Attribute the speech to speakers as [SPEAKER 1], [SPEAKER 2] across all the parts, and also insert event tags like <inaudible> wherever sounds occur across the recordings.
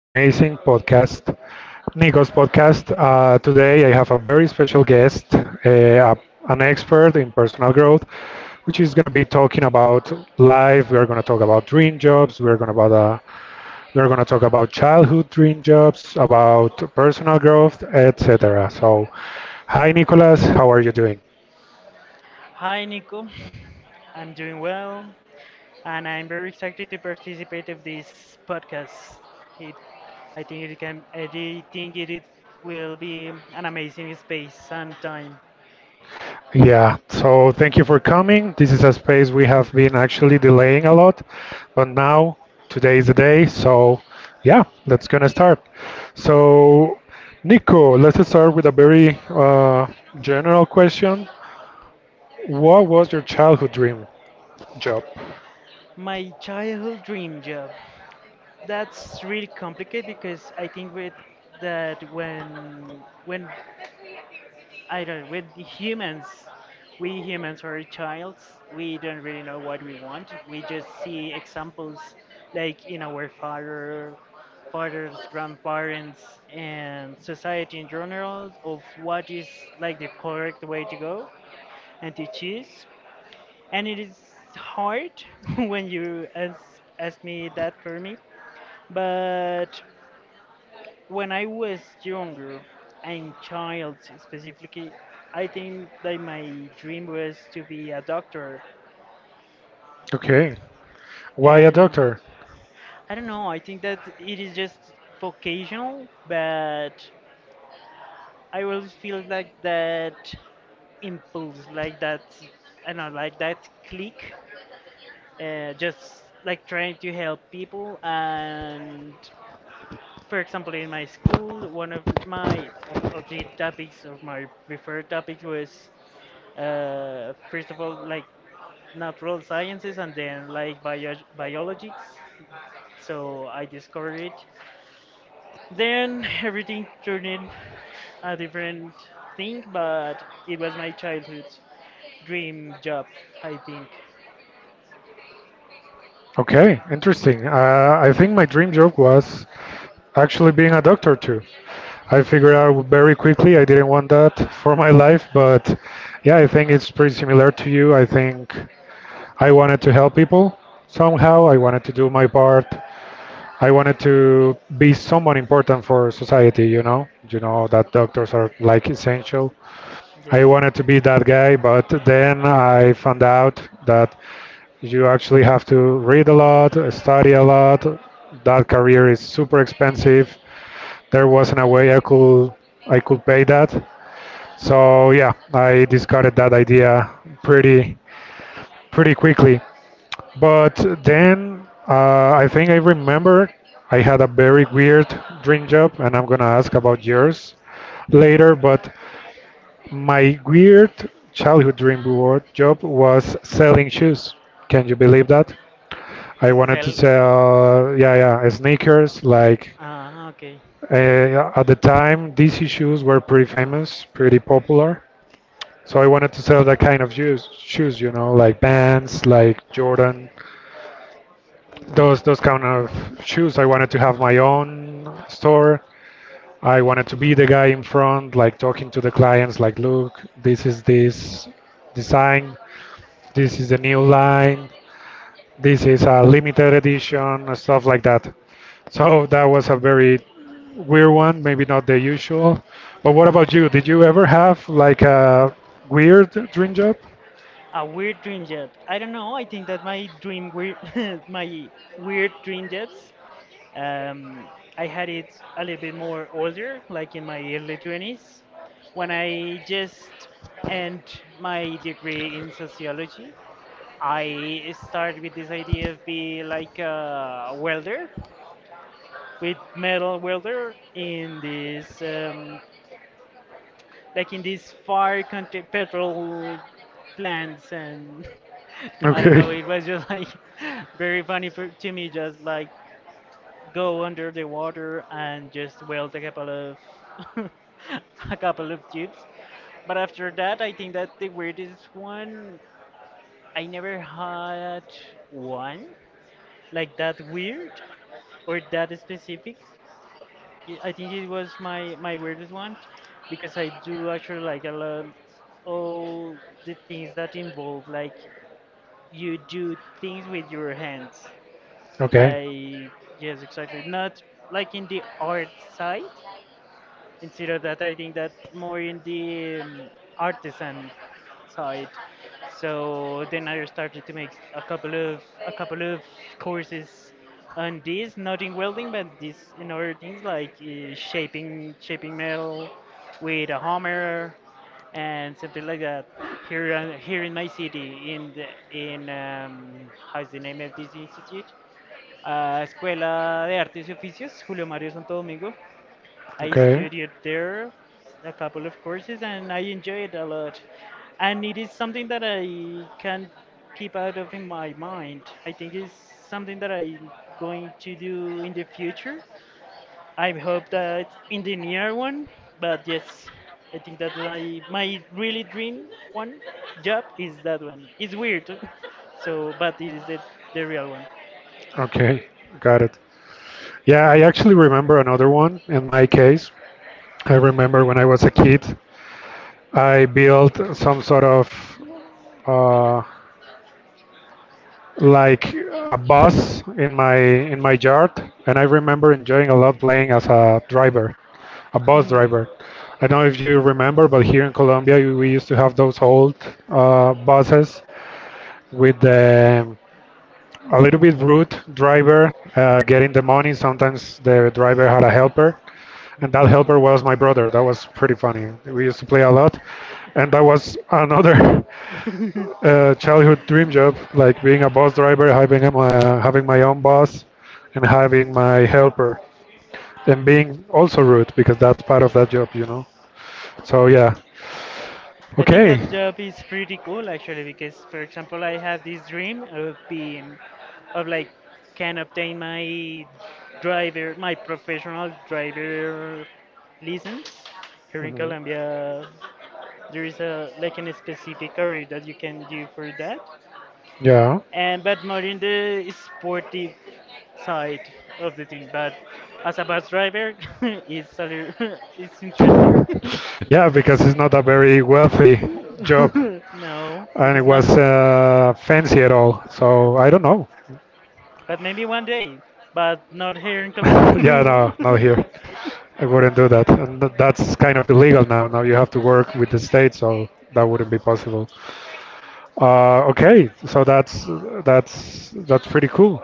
[SPEAKER 1] amazing podcast, Nico's podcast. Today, I have a very special guest, an expert in personal growth, which is going to be talking about life. We are going to talk about dream jobs. We are going to talk about childhood dream jobs, about personal growth, etc. So, hi, Nicolas. How are you doing?
[SPEAKER 2] Hi Nico, I'm doing well and I'm very excited to participate of this podcast. It, I do think it will be an amazing space and time.
[SPEAKER 1] Yeah, so thank you for coming. This is a space we have been actually delaying a lot, but now today is the day. So, yeah, that's gonna start. So, Nico, let's start with a very general question. What was your childhood dream job?
[SPEAKER 2] My childhood dream job. That's really complicated because I think with that when I don't with the humans. We humans are childs. We don't really know what we want. We just see examples like in our father, fathers, grandparents, and society in general of what is like the correct way to go and to choose. And it is hard <laughs> when you ask me that for me, but when I was younger and child specifically, I think that my dream was to be a doctor.
[SPEAKER 1] Okay. Why a
[SPEAKER 2] And
[SPEAKER 1] doctor?
[SPEAKER 2] I don't know, I think that it is just vocational, but I always feel like that impulse, like that, I don't know, like that click, just like trying to help people. And for example, in my school, one of the topics of my preferred topics was first of all like natural sciences and then like biologics. So I discovered it, then everything turned in a different thing, but it was my childhood dream job, I think.
[SPEAKER 1] Okay, interesting. I think my dream job was actually being a doctor too. I figured
[SPEAKER 2] Okay.
[SPEAKER 1] out very quickly. I didn't want that for my life, but yeah, I think it's pretty similar to you. I think I wanted to help people somehow. I wanted to do my part. I wanted to be someone important for society, you know. You know that doctors are like essential.
[SPEAKER 2] Yes.
[SPEAKER 1] I wanted to be that guy, but then I found out that you actually have to read a lot, study a lot. That career is super expensive. There wasn't a way I could pay that. So yeah, I discarded that idea pretty pretty quickly. But then I think I remember I had a very weird dream job, and I'm gonna ask about yours later. But my weird childhood dream board job was selling shoes. Can you believe that? I wanted to
[SPEAKER 2] Sell.
[SPEAKER 1] sell, yeah, yeah, sneakers. Like
[SPEAKER 2] Ah, okay.
[SPEAKER 1] at the time, DC shoes were pretty famous, pretty popular. So I wanted to sell that kind of shoes, shoes, you know, like Vans, like Jordan, those kind of shoes. I wanted to have my own store. I wanted to be the guy in front, like talking to the clients, like, look, this is this design, this is the new line, this is a limited edition, and stuff like that. So that was a very weird one, maybe not the usual. But what about you? Did you ever have like a weird dream job?
[SPEAKER 2] A weird dream job, I don't know, I think that my dream weird <laughs> my weird dream jobs. Um, I had it a little bit more older, like in my early 20s, when I just end my degree in sociology. I started with this idea of being like a welder, with metal welder in this, like in these far country petrol plants and <laughs> I don't
[SPEAKER 1] Okay.
[SPEAKER 2] know. It was just like <laughs> very funny for to me, just like go under the water and just weld a couple of <laughs> a couple of chips. But after that, I think that the weirdest one I never had one like that weird or that specific. I think it was my weirdest one because I do actually like a lot all the things that involve like you do things with your hands.
[SPEAKER 1] Okay.
[SPEAKER 2] Like, yes, exactly. Not like in the art side. Instead of that, I think that more in the artisan side. So then I started to make a couple of courses on this, not in welding, but this in other things like shaping metal with a hammer and something like that. Here, here in my city, in the, in how's the name of this institute? A Escuela de Artes y Oficios, Julio Mario Santo Domingo. I
[SPEAKER 1] Okay.
[SPEAKER 2] studied there a couple of courses and I enjoyed it a lot. And it is something that I can not keep out of in my mind. I think it's something that I'm going to do in the future. I hope that in the near one, but yes, I think that I, my really dream one job is that one. It's weird, <laughs> so but it is the real one.
[SPEAKER 1] Okay. Got it. Yeah, I actually remember another one in my case. I remember when I was a kid, I built some sort of uh, like a bus in my yard, and I remember enjoying a lot playing as a driver, a bus
[SPEAKER 2] Mm.
[SPEAKER 1] driver. I don't know if you remember, but here in Colombia we used to have those old buses with the a little bit rude driver getting the money. Sometimes the driver had a helper, and that
[SPEAKER 2] Mhm.
[SPEAKER 1] helper was my brother. That was pretty funny. We used to play a lot, and that was another <laughs>
[SPEAKER 2] <laughs>
[SPEAKER 1] childhood dream job, like being a bus driver, having my own bus, and having my helper, and being also rude because that's part of that job, you know. So yeah,
[SPEAKER 2] I think
[SPEAKER 1] okay,
[SPEAKER 2] that job is pretty cool actually, because for example I have this dream of being of like can obtain my professional driver license. Here in Colombia there is a like an specific career that you can do for that,
[SPEAKER 1] yeah,
[SPEAKER 2] and but more in the sportive side of the thing, but as a bus driver <laughs> it's a little, <laughs> it's interesting. <laughs>
[SPEAKER 1] yeah, because it's not a very wealthy job.
[SPEAKER 2] <laughs> No, it
[SPEAKER 1] And it
[SPEAKER 2] is not.
[SPEAKER 1] was fancy at all. So I don't know.
[SPEAKER 2] But maybe one day, but not here in
[SPEAKER 1] <laughs>
[SPEAKER 2] Colombia.
[SPEAKER 1] Yeah, no,
[SPEAKER 2] <laughs>
[SPEAKER 1] not here. I wouldn't do that, and that's kind of illegal now. Now you have to work with the state, so that wouldn't be possible. Okay, so that's pretty cool.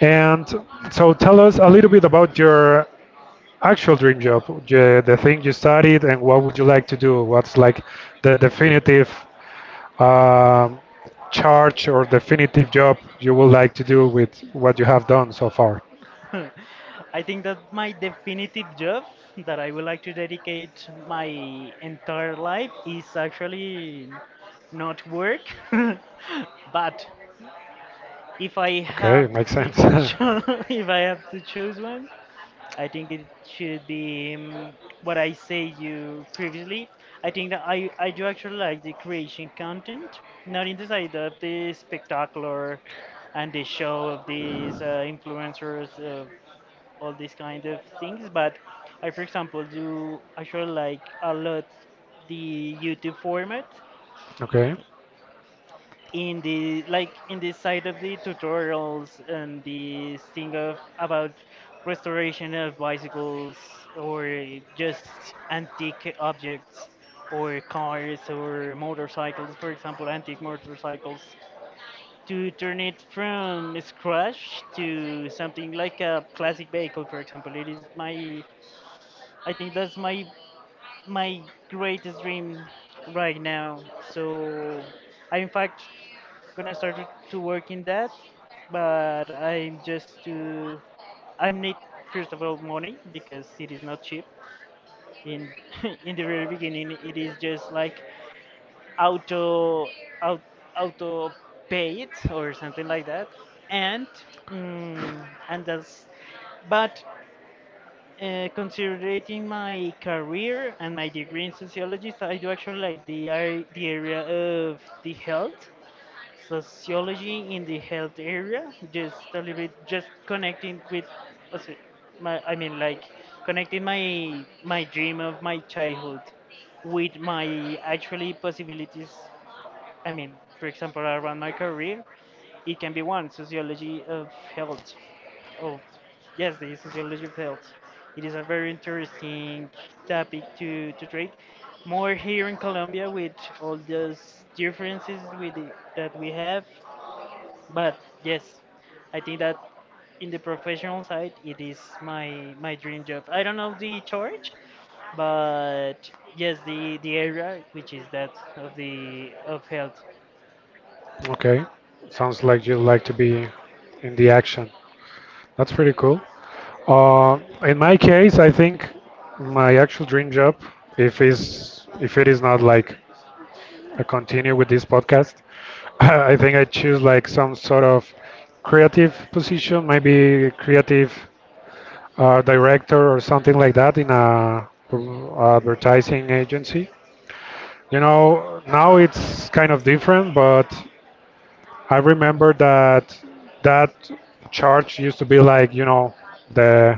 [SPEAKER 1] And so tell us a little bit about your actual dream job, the thing you studied, and what would you like to do? What's like the definitive um, charge or definitive job you would like to do with what you have done so far.
[SPEAKER 2] <laughs> I think that my definitive job that I would like to dedicate my entire life is actually not work, <laughs> but if I
[SPEAKER 1] Okay,
[SPEAKER 2] have
[SPEAKER 1] makes
[SPEAKER 2] to
[SPEAKER 1] sense.
[SPEAKER 2] cho- <laughs>
[SPEAKER 1] <laughs>
[SPEAKER 2] if I have to choose one, I think it should be what I said you previously. I think that I do actually like the creation content, not in the side of the spectacular and the show of these influencers, of all these kind of things, but I, for example, do actually like a lot the YouTube format,
[SPEAKER 1] Okay,
[SPEAKER 2] in the like in the side of the tutorials and the thing of about restoration of bicycles, or just antique objects, or cars, or motorcycles. For example, antique motorcycles, to turn it from scratch to something like a classic vehicle. For example, it is my, I think that's my my greatest dream right now. So I in fact gonna start to work in that, but I'm just to, I need first of all money because it is not cheap. In <laughs> in the very beginning, it is just like auto out, auto pay it or something like that, and and that's but. Considering my career and my degree in sociology, so I do actually like the area of the health sociology, in the health area just a little bit, just connecting with also, my I mean, like, connecting my dream of my childhood with my actually possibilities. I mean, for example, around my career, it can be one sociology of health. Of Yes, the sociology of health. It is a very interesting topic to treat. More here in Colombia with all those differences that we have, but yes, I think that in the professional side, it is my dream job. I don't know the charge, but yes, the area, which is that of health.
[SPEAKER 1] okay. Sounds like you like to be in the action. That's pretty cool. In my case, I think my actual dream job, if it is not like I continue with this podcast, <laughs> I think I choose like some sort of creative position, maybe creative director or something like that in a advertising agency. You know, now it's kind of different, but I remember that charge used to be like you know the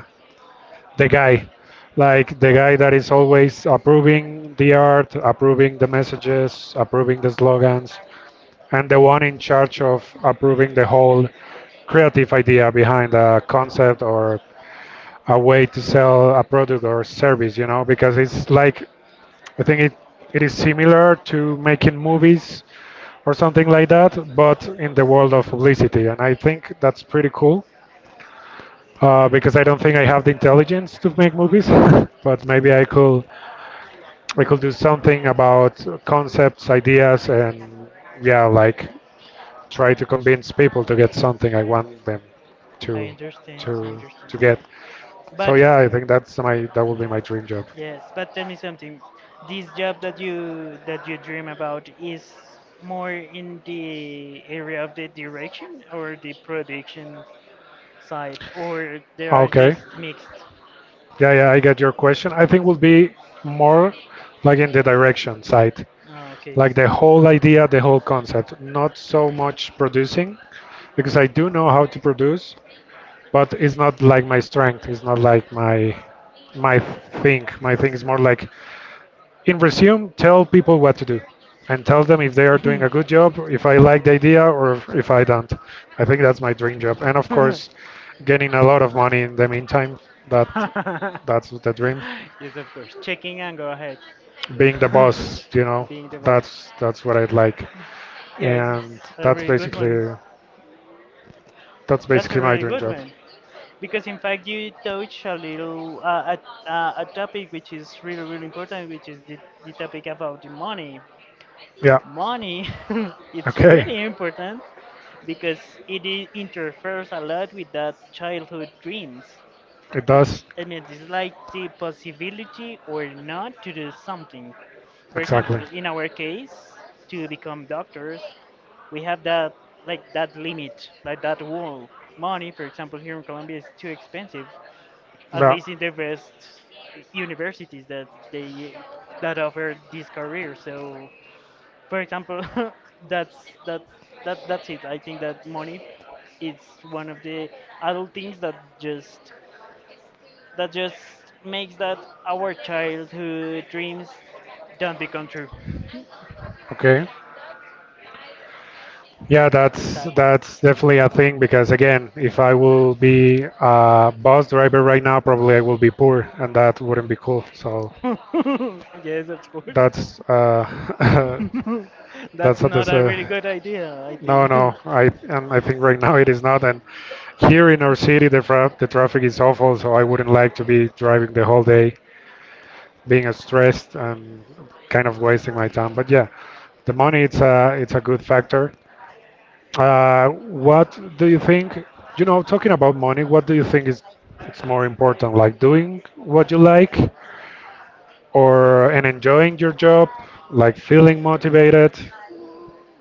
[SPEAKER 1] the guy, like the guy that is always approving the art, approving the messages, approving the slogans, and the one in charge of approving the whole creative idea behind a concept or a way to sell a product or service, you know, because it's like I think it is similar to making movies or something like that, but in the world of publicity, and I think that's pretty cool because I don't think I have the intelligence to make movies, <laughs> but maybe I could do something about concepts, ideas, and yeah, like try to convince people to get something I want them
[SPEAKER 2] I
[SPEAKER 1] to
[SPEAKER 2] understand, I
[SPEAKER 1] to
[SPEAKER 2] understand.
[SPEAKER 1] to get. So
[SPEAKER 2] But
[SPEAKER 1] yeah, I think that will be my dream job.
[SPEAKER 2] yes, but tell me something. This job that you dream about is more in the area of the direction or the production side, or they are
[SPEAKER 1] Okay.
[SPEAKER 2] just mixed.
[SPEAKER 1] Yeah, yeah, I get your question. I think will be more like in the direction side,
[SPEAKER 2] Ah, okay.
[SPEAKER 1] like the whole idea, the whole concept, not so much producing, because I do know how to produce, but it's not like my strength. It's not like my thing. My thing is more like in resume, tell people what to do and tell them if they are doing a good
[SPEAKER 2] <laughs>
[SPEAKER 1] job, if I like the idea, or if I don't. I think that's my dream job. And of course, getting a lot of money in the meantime. That that's the dream.
[SPEAKER 2] Yes, of course. Checking and go ahead.
[SPEAKER 1] Being the
[SPEAKER 2] <laughs>
[SPEAKER 1] boss, you know,
[SPEAKER 2] Being the boss.
[SPEAKER 1] that's what I'd like.
[SPEAKER 2] Yes,
[SPEAKER 1] And
[SPEAKER 2] it's a
[SPEAKER 1] that's
[SPEAKER 2] really good one.
[SPEAKER 1] basically that's
[SPEAKER 2] That's a
[SPEAKER 1] basically my
[SPEAKER 2] really
[SPEAKER 1] dream
[SPEAKER 2] good
[SPEAKER 1] job.
[SPEAKER 2] one, because in fact you touch a little a topic which is really really important, which is the topic about the money.
[SPEAKER 1] Yeah.
[SPEAKER 2] Money, <laughs> it's
[SPEAKER 1] Okay.
[SPEAKER 2] really important because it interferes a lot with that childhood dreams.
[SPEAKER 1] It
[SPEAKER 2] It's
[SPEAKER 1] does.
[SPEAKER 2] And it is like the possibility or not to do something. For example,
[SPEAKER 1] Exactly.
[SPEAKER 2] in our case, to become doctors, we have that like that limit, like that wall. Money, for example, here in Colombia is too expensive. At
[SPEAKER 1] Yeah.
[SPEAKER 2] least in the best universities that offer this career. So, for example, <laughs> that's that's that's it. I think that money is one of the adult things that just makes that our childhood dreams don't become true.
[SPEAKER 1] Okay. Yeah, that's
[SPEAKER 2] Sad.
[SPEAKER 1] that's definitely a thing because again, if I will be a bus driver right now, probably I will be poor, and that wouldn't be cool. So
[SPEAKER 2] <laughs> Yes, of course.
[SPEAKER 1] that's
[SPEAKER 2] <laughs>
[SPEAKER 1] <laughs>
[SPEAKER 2] That's
[SPEAKER 1] that's a
[SPEAKER 2] not
[SPEAKER 1] dis-
[SPEAKER 2] a
[SPEAKER 1] uh,
[SPEAKER 2] really good idea, I
[SPEAKER 1] no,
[SPEAKER 2] think.
[SPEAKER 1] no.
[SPEAKER 2] <laughs>
[SPEAKER 1] I and I think right now it is not. And here in our city, the traffic is awful, so I wouldn't like to be driving the whole day, being stressed and kind of wasting my time. But yeah, the money it's a good factor. What do you think? You know, talking about money, what do you think is it's more important, like doing what you like, or and enjoying your job, like feeling motivated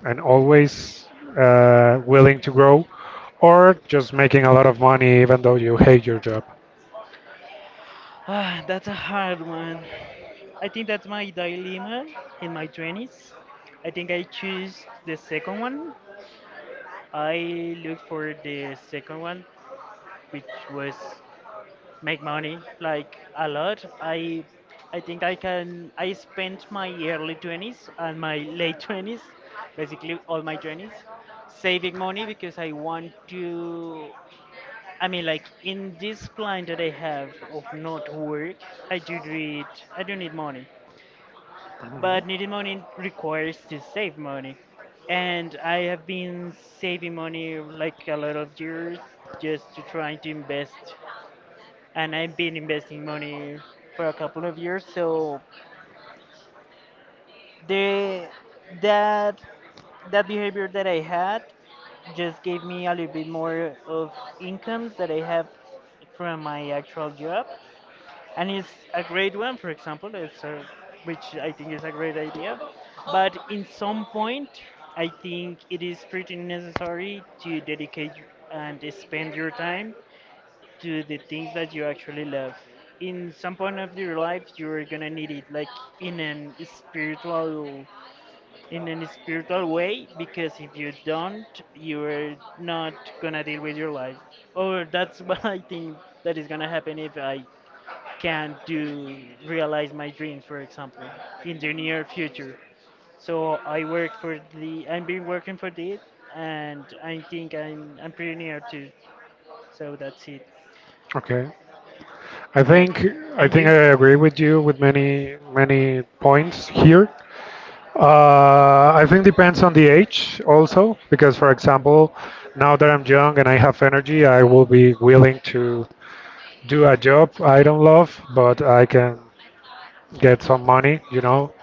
[SPEAKER 1] and always willing to grow, or just making a lot of money even though you hate your job?
[SPEAKER 2] Ah, that's a hard one. I think that's my dilemma in my 20s. I think I choose the second one. I look for the second one, which was make money like a lot. I think I spent my early 20s and my late 20s, basically all my 20s, saving money, because I want to, I mean, like, in this plan that I have of not work, I do need I do need money.
[SPEAKER 1] Mhm.
[SPEAKER 2] But needing money requires to save money. And I have been saving money like a lot of years, just to try to invest, and I've been investing money for a couple of years. So the that that behavior that I had just gave me a little bit more of incomes that I have from my actual job, and it's a great one. For example, which I think is a great idea, but in some point, I think it is pretty necessary to dedicate and spend your time to the things that you actually love. In some point of your life, you're gonna need it, like in an spiritual, in an spiritual way, because if you don't, you're not gonna deal with your life. Or that's <laughs> what I think that is gonna happen if I can't do realize my dreams, for example, in the near future. So I've been working for it, and I think I'm pretty near to. So that's it.
[SPEAKER 1] Okay. I
[SPEAKER 2] Yeah.
[SPEAKER 1] think I
[SPEAKER 2] And
[SPEAKER 1] think
[SPEAKER 2] you?
[SPEAKER 1] I agree with you with many many points here. I think depends on the age also, because for example, now that I'm young and I have energy, I will be willing to do a job I don't love, but I can get some money, you know,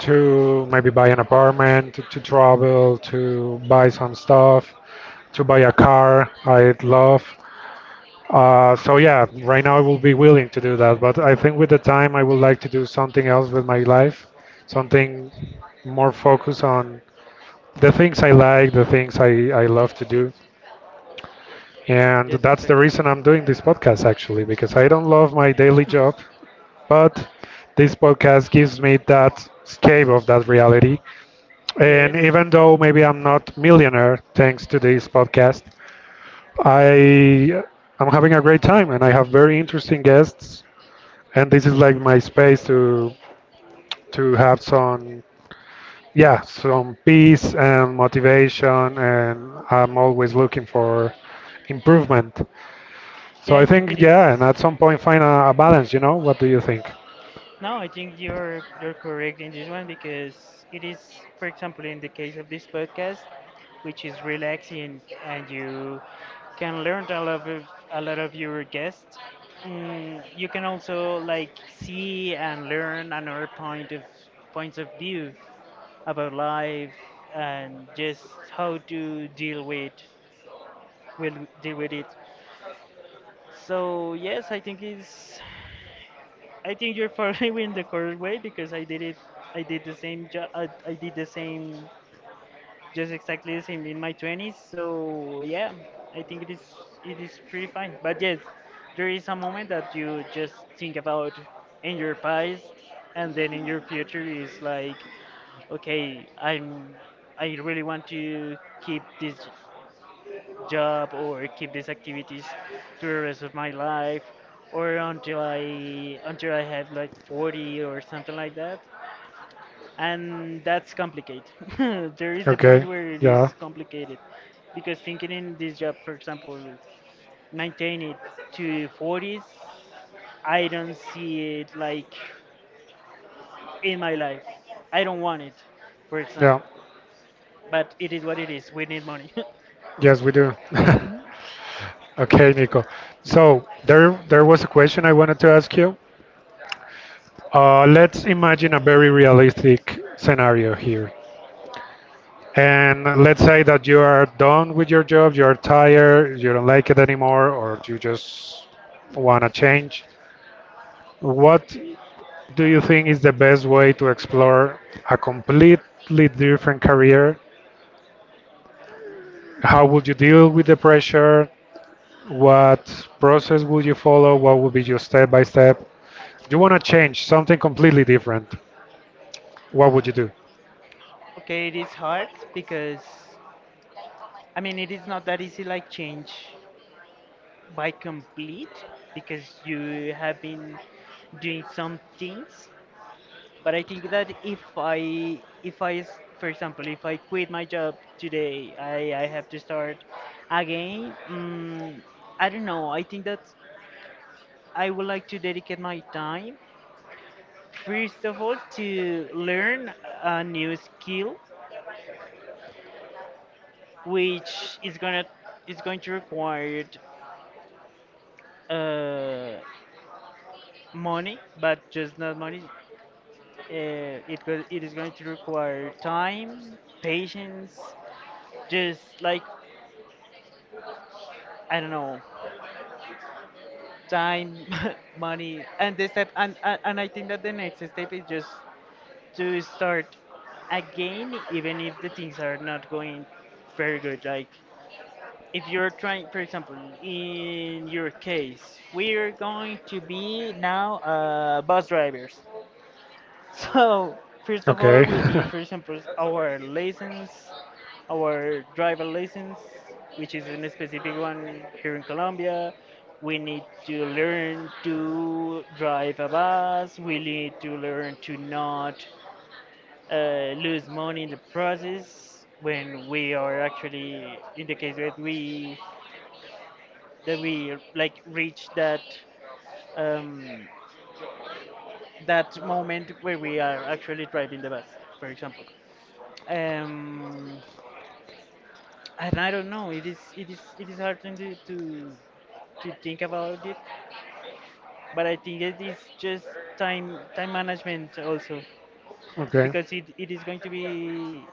[SPEAKER 1] to maybe buy an apartment, to travel, to buy some stuff, to buy a car I would love. So yeah, right now I will be willing to do that, but I think with the time I would like to do something else with my life, something more focused on the things I like, the things I love to do. And
[SPEAKER 2] Yes,
[SPEAKER 1] that's the
[SPEAKER 2] exactly.
[SPEAKER 1] reason I'm doing this podcast, actually, because I don't love my daily job, but this podcast gives me that escape of that reality. And
[SPEAKER 2] Yes.
[SPEAKER 1] even though maybe I'm not millionaire thanks to this podcast, I I'm having a great time and I have very interesting guests. And this is like my space to have some yeah, some peace and motivation, and I'm always looking for improvement. So
[SPEAKER 2] Yeah,
[SPEAKER 1] I
[SPEAKER 2] I think it
[SPEAKER 1] think,
[SPEAKER 2] is.
[SPEAKER 1] yeah, and at some point find a balance, you know? What do you think?
[SPEAKER 2] No, I think you're correct in this one, because it is, for example, in the case of this podcast, which is relaxing, and you can learn a lot of your guests. You can also like see and learn another points of view about life, and just how to deal with will deal with it. So yes, I think it's I think you're following in the correct way, because I did it. I did the same job. I did the same, just exactly the same in my 20s. So yeah, I think it is pretty fine. But yes, there is a moment that you just think about in your past, and then in your future is like, okay, I really want to keep this job or keep these activities to the rest of my life or until I have like 40 or something like that. And that's complicated. <laughs> There is a point
[SPEAKER 1] Okay,
[SPEAKER 2] where it
[SPEAKER 1] yeah,
[SPEAKER 2] is complicated because thinking in this job, for example, maintain it to 40s, I don't see it like in my life. I don't want it, for
[SPEAKER 1] yeah,
[SPEAKER 2] example. But it is what it is. We need money. <laughs>
[SPEAKER 1] yes, we do. <laughs> Okay, Nico. So there was a question I wanted to ask you. Let's imagine a very realistic scenario here. And let's say that you are done with your job, you are tired, you don't like it anymore, or you just want to change. What do you think is the best way to explore a completely different career? How would you deal with the pressure? What process would you follow? What would be your step by step? You want to change something completely different. What would you do?
[SPEAKER 2] Okay, it is hard because it is not that easy, like change by complete, because you have been doing some things. But I think that if I, s- for example, if I quit my job today, I have to start again. I don't know. I think that I would like to dedicate my time, first of all, to learn a new skill, which is is going to require Uh, money, but just not money. It is going to require time, patience, just like I don't know, time, <laughs> money, and this step. And I think that the next step is just to start again, even if the things are not going very good. Like if you're trying, for example, in your case, we are going to be now bus drivers. So, first of all,
[SPEAKER 1] Okay.
[SPEAKER 2] we need, for example, our license, our driver license, which is in a specific one here in Colombia. We need to learn to drive a bus. We need to learn to not lose money in the process when we are actually in the case that we like reach that um, that moment where we are actually driving the bus, for example. um, and I don't know. It is hard to think about it, but I think it is just time management also,
[SPEAKER 1] <laughs> Okay.
[SPEAKER 2] because it is going to be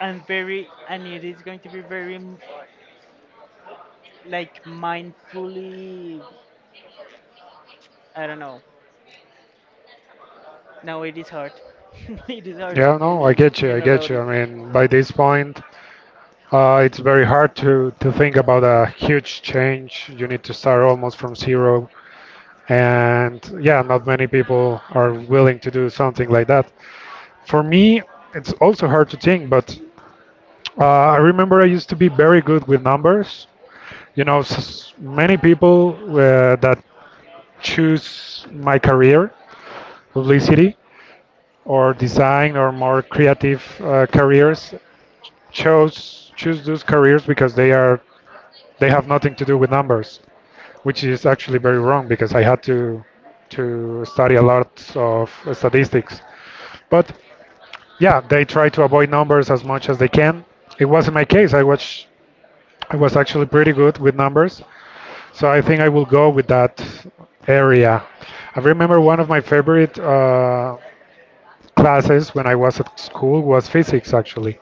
[SPEAKER 2] and very and it is going to be like mindfully. I don't know. No, it is hard. <laughs> It is hard
[SPEAKER 1] Yeah,
[SPEAKER 2] for
[SPEAKER 1] no, I
[SPEAKER 2] me
[SPEAKER 1] get you. I
[SPEAKER 2] thinking
[SPEAKER 1] get
[SPEAKER 2] about
[SPEAKER 1] you. I
[SPEAKER 2] it.
[SPEAKER 1] mean, by this point, it's very hard to think about a huge change. You need to start almost from zero. And yeah, not many people are willing to do something like that. For me, it's also hard to think, but uh, I remember I used to be very good with numbers. You know, many people that choose my career, publicity or design or more creative careers, chose choose those careers because they have nothing to do with numbers. Which is actually very wrong because I had to study a lot of statistics. But yeah, they try to avoid numbers as much as they can. It wasn't my case. I was actually pretty good with numbers, so I think I will go with that area. I remember one of my favorite classes when I was at school was physics actually.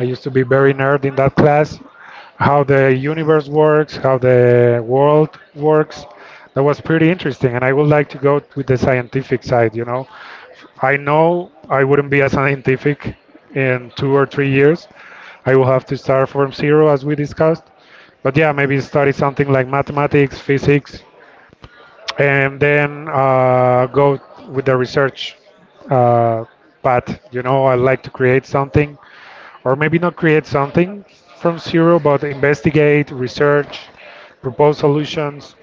[SPEAKER 1] I used to be very nerd in that class. How the universe works, how the world works. That was pretty interesting, and I would like to go with the scientific side, you know. I know I wouldn't be a scientific in 2 or 3 years. I will have to start from zero, as we discussed. But yeah, maybe study something like mathematics, physics, and then go with the research uh, path. You know, I like to create something or maybe not create something from zero, but investigate, research, propose solutions.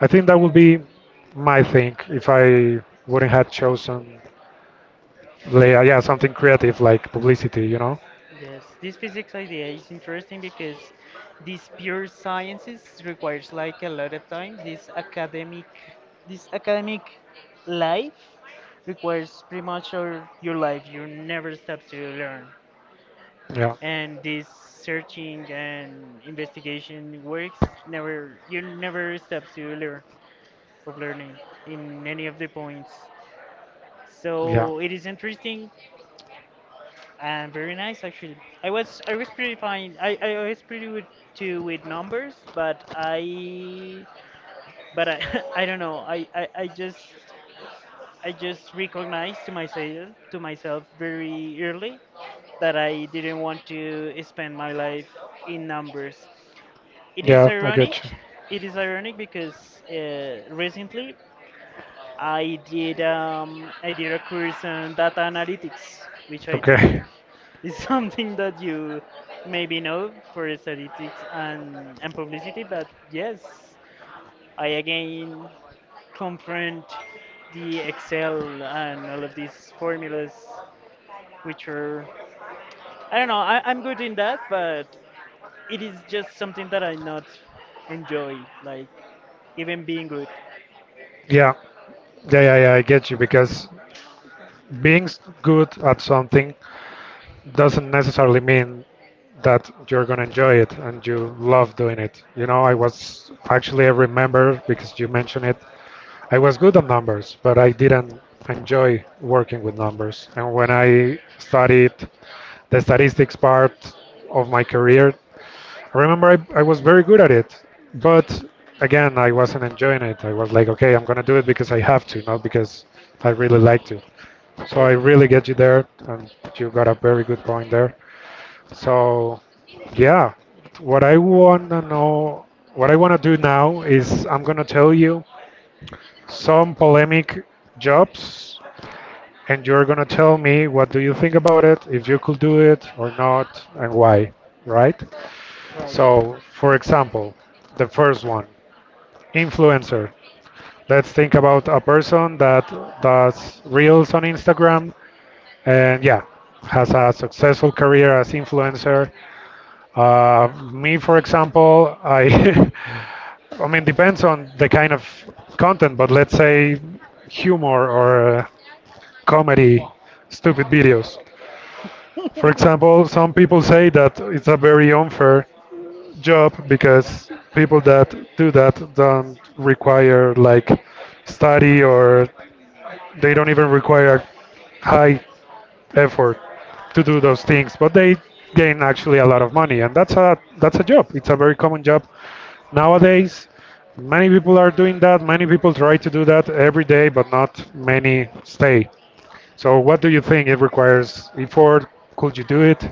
[SPEAKER 1] I think that would be my thing if I wouldn't have chosen, yeah, something creative like publicity, you know?
[SPEAKER 2] Yes, this physics idea is interesting because these pure sciences requires like a lot of time. This academic life requires pretty much your life. You never stop to learn,
[SPEAKER 1] Yeah,
[SPEAKER 2] and this searching and investigation works never. You never stop to learn of learning in any of the points.
[SPEAKER 1] yeah,
[SPEAKER 2] So it is interesting and very nice actually. I was pretty fine. I was pretty good too with numbers, but I <laughs> I don't know. I just recognized to myself very early that I didn't want to spend my life in numbers. It is
[SPEAKER 1] yeah, I
[SPEAKER 2] ironic.
[SPEAKER 1] get you.
[SPEAKER 2] It is ironic because recently I did a course on data analytics, which I
[SPEAKER 1] Okay,
[SPEAKER 2] think is <laughs> something that you maybe know for statistics and publicity. But yes, I again confront the Excel and all of these formulas, which are I don't know. I'm good in that, but it is just something that I not enjoy, like even being good.
[SPEAKER 1] <laughs>
[SPEAKER 2] So
[SPEAKER 1] yeah, yeah, I get you because being good at something doesn't necessarily mean that you're gonna enjoy it and you love doing it. You know, I was actually. I remember because you mentioned it. I was good at numbers, but I didn't enjoy working with numbers. And when I studied the statistics part of my career, I remember I was very good at it, but again, I wasn't enjoying it. I was like, okay, I'm gonna do it because I have to, not because I really like to. So
[SPEAKER 2] yes,
[SPEAKER 1] I really get you there, and you got a very good point there. So, yeah, what I want to know, what I want to do now is I'm going to tell you some polemic jobs and you're going to tell me what do you think about it, if you could do it or not and why, right?
[SPEAKER 2] right.
[SPEAKER 1] So, for example, the first one, influencer. Let's think about a person that does reels on Instagram and yeah, has a successful career as influencer. Me, for example, <laughs> I mean, depends on the kind of content, but let's say humor or comedy, stupid videos. For
[SPEAKER 2] <laughs>
[SPEAKER 1] example, some people say that it's a very unfair job because people that do that don't require like study or they don't even require high effort to do those things, but they gain actually a lot of money, and that's a job. It's a very common job nowadays, many people are doing that. Many people try to do that every day, but not many stay. So, what do you think? It requires effort. Could you do it?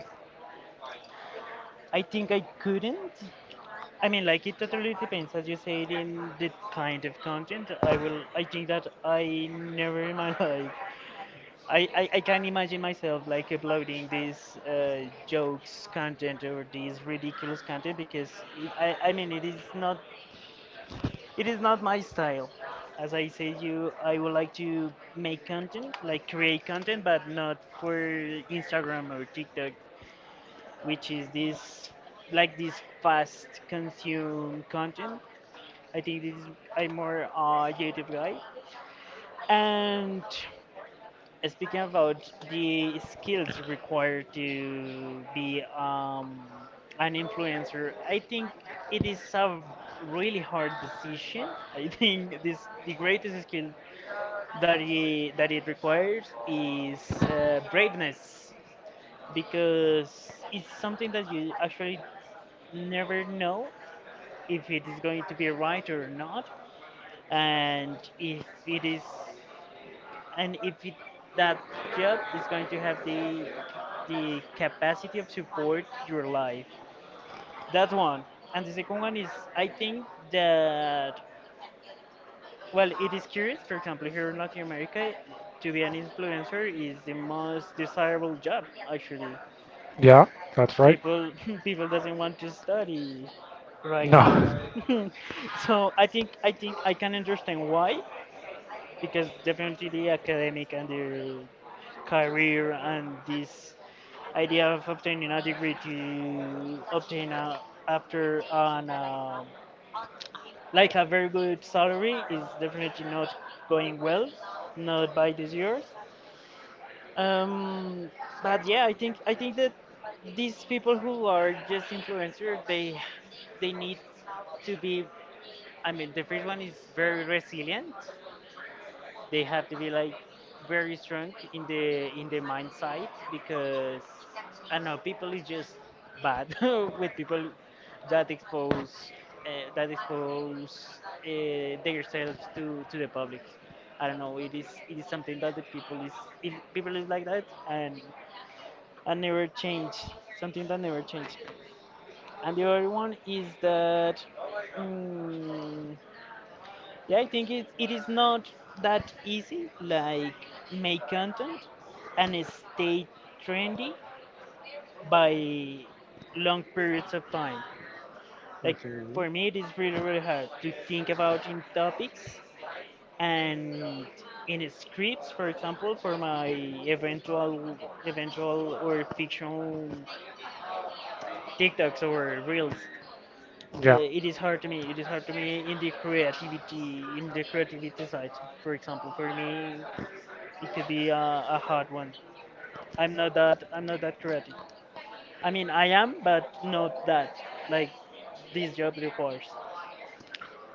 [SPEAKER 2] I think I couldn't. I mean, like it totally depends, as you said, in the kind of content. I will. I think that I never in my <laughs> life. I can imagine myself like uploading these jokes content or these ridiculous content because it, I mean it is not my style. As I said, you I would like to make content like create content, but not for Instagram or TikTok, which is this like this fast consume content. I think this is, I'm more a creative guy. And speaking about the skills required to be an influencer, I think it is a really hard decision. I think this the greatest skill that it requires is braveness because it's something that you actually never know if it is going to be right or not, and if it is, and if it, that job is going to have the capacity of support your life. That's one. And the second one is, I think that well, it is curious. For example, here in Latin America, to be an influencer is the most desirable job actually.
[SPEAKER 1] Yeah, that's right.
[SPEAKER 2] People <laughs> people doesn't want to study right
[SPEAKER 1] No.
[SPEAKER 2] now. <laughs> So I think I can understand why, because definitely the academic and the career and this idea of obtaining a degree to obtain a, after an like a very good salary is definitely not going well, not by these years. um, but yeah, I think that these people who are just influencers, they need to be. I mean, the first one is very resilient. They have to be like very strong in the mind side because I know people is just bad <laughs> with people that expose that expose themselves to the public. I don't know. It is something that the people is it, people is like that, and never change, something that never change. And the other one is that mm, yeah, I think it is not that easy, like make content and stay trendy by long periods of time like
[SPEAKER 1] Mhm.
[SPEAKER 2] for me it is really really hard to think about in topics and in scripts, for example, for my eventual eventual or fictional tiktoks or reels.
[SPEAKER 1] Yeah.
[SPEAKER 2] It is hard to me. It is hard to me in the creativity side. For example, for me, it could be a hard one. I'm not that creative. I mean, I am, but not that. Like this job requires.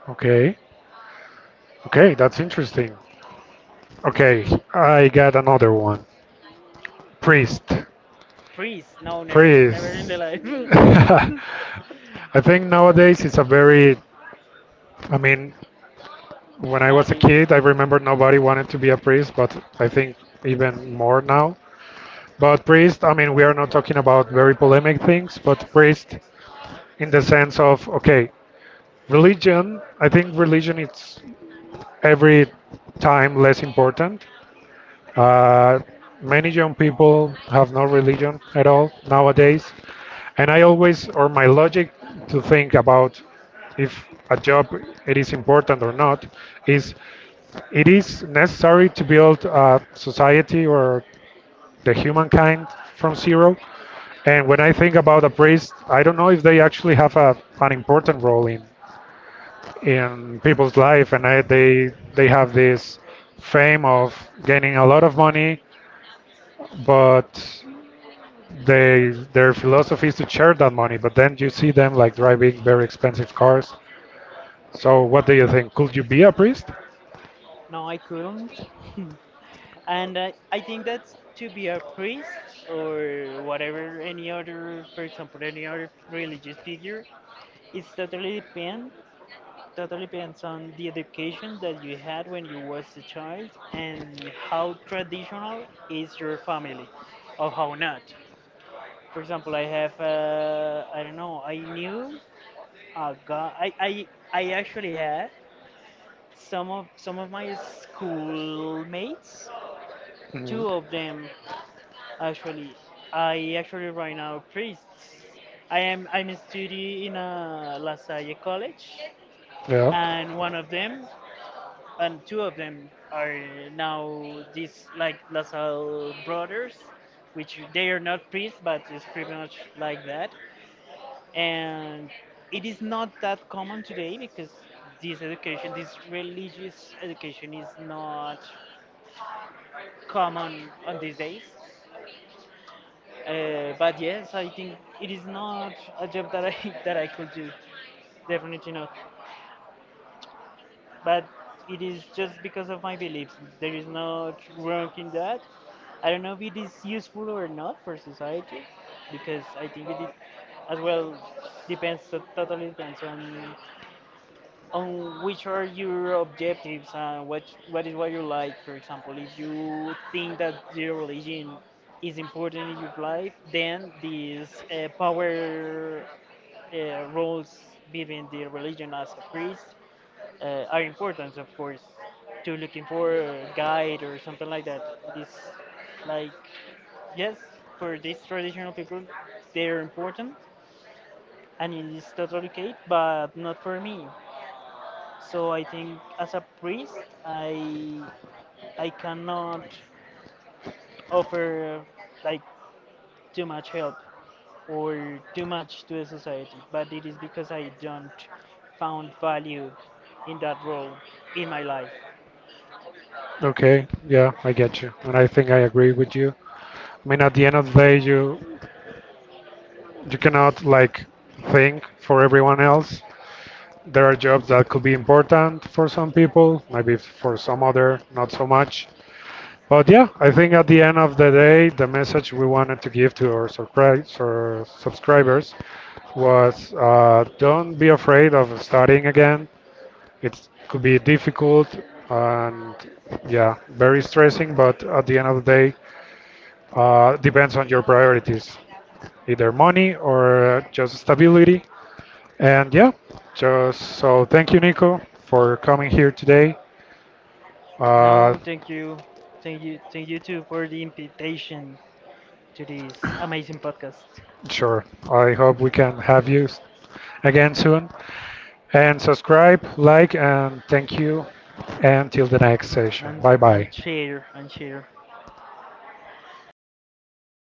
[SPEAKER 1] Okay. Okay, that's interesting. Okay, I got another one. Priest.
[SPEAKER 2] Please, no, never in
[SPEAKER 1] Priest.
[SPEAKER 2] the
[SPEAKER 1] <laughs>
[SPEAKER 2] life.
[SPEAKER 1] I
[SPEAKER 2] <laughs>
[SPEAKER 1] think nowadays it's a very, I mean, when I
[SPEAKER 2] No,
[SPEAKER 1] was a
[SPEAKER 2] dude.
[SPEAKER 1] kid, I remember nobody wanted to be a priest, but I think even more now. But priest, I mean, we are not talking about very polemic things, but priest in the sense of, okay, religion, I think religion is every time less important. Uh, Many young people have no religion at all nowadays. And I always, or my logic to think about if a job it is important or not is it is necessary to build a society or the humankind from zero. And when I think about a priest, I don't know if they actually have a, an important role in people's life, and they have this fame of gaining a lot of money, but they their philosophy is to share that money. But then you see them like driving very expensive cars. So what do you think? Could you be a priest?
[SPEAKER 2] No, I couldn't. <laughs> And I think that to be a priest or whatever, any other, for example, any other religious figure, it's totally depend, totally depends on the education that you had when you was a child and how traditional is your family, or how not. For example, I have, I don't know, I knew a guy. I actually had some of my schoolmates,
[SPEAKER 1] Mm.
[SPEAKER 2] two of them actually. I actually right now priests. I'm studying in a La Salle college,
[SPEAKER 1] Yeah.
[SPEAKER 2] and one of them and two of them are now these like La Salle brothers, which they are not priests, but it's pretty much like that. And it is not that common today because this education, this religious education, is not common on these days. But yes, I think it is not a job that I <laughs> that I could do. Definitely not. But it is just because of my beliefs. There is no wrong in that. I don't know if it is useful or not for society, because I think it as well depends, totally depends on which are your objectives and what is what you like. For example, if you think that your religion is important in your life, then these power roles between the religion as a priest are important, of course, to looking for a guide or something like that. It is like, yes, for these traditional people, they're important and it is totally okay, but not for me. So I think as a priest, I cannot offer like too much help or too much to the society, but it is because I don't found value in that role in my life.
[SPEAKER 1] Okay, yeah, I get you, and I think I agree with you. I mean, at the end of the day, you cannot like think for everyone else. There are jobs that could be important for some people, maybe for some other, not so much. But yeah, I think at the end of the day, the message we wanted to give to our surprise or subscribers was don't be afraid of starting again. It could be difficult and yeah, very stressing, but at the end of the day, depends on your priorities, either money or just stability. And yeah, just so thank you, Nico, for coming here today. Uh,
[SPEAKER 2] No, thank you, thank you too for the invitation to this amazing podcast
[SPEAKER 1] sure, I hope we can have you again soon. And subscribe, like, and thank you. Until the next session.
[SPEAKER 2] and
[SPEAKER 1] Bye bye.
[SPEAKER 2] and share and share.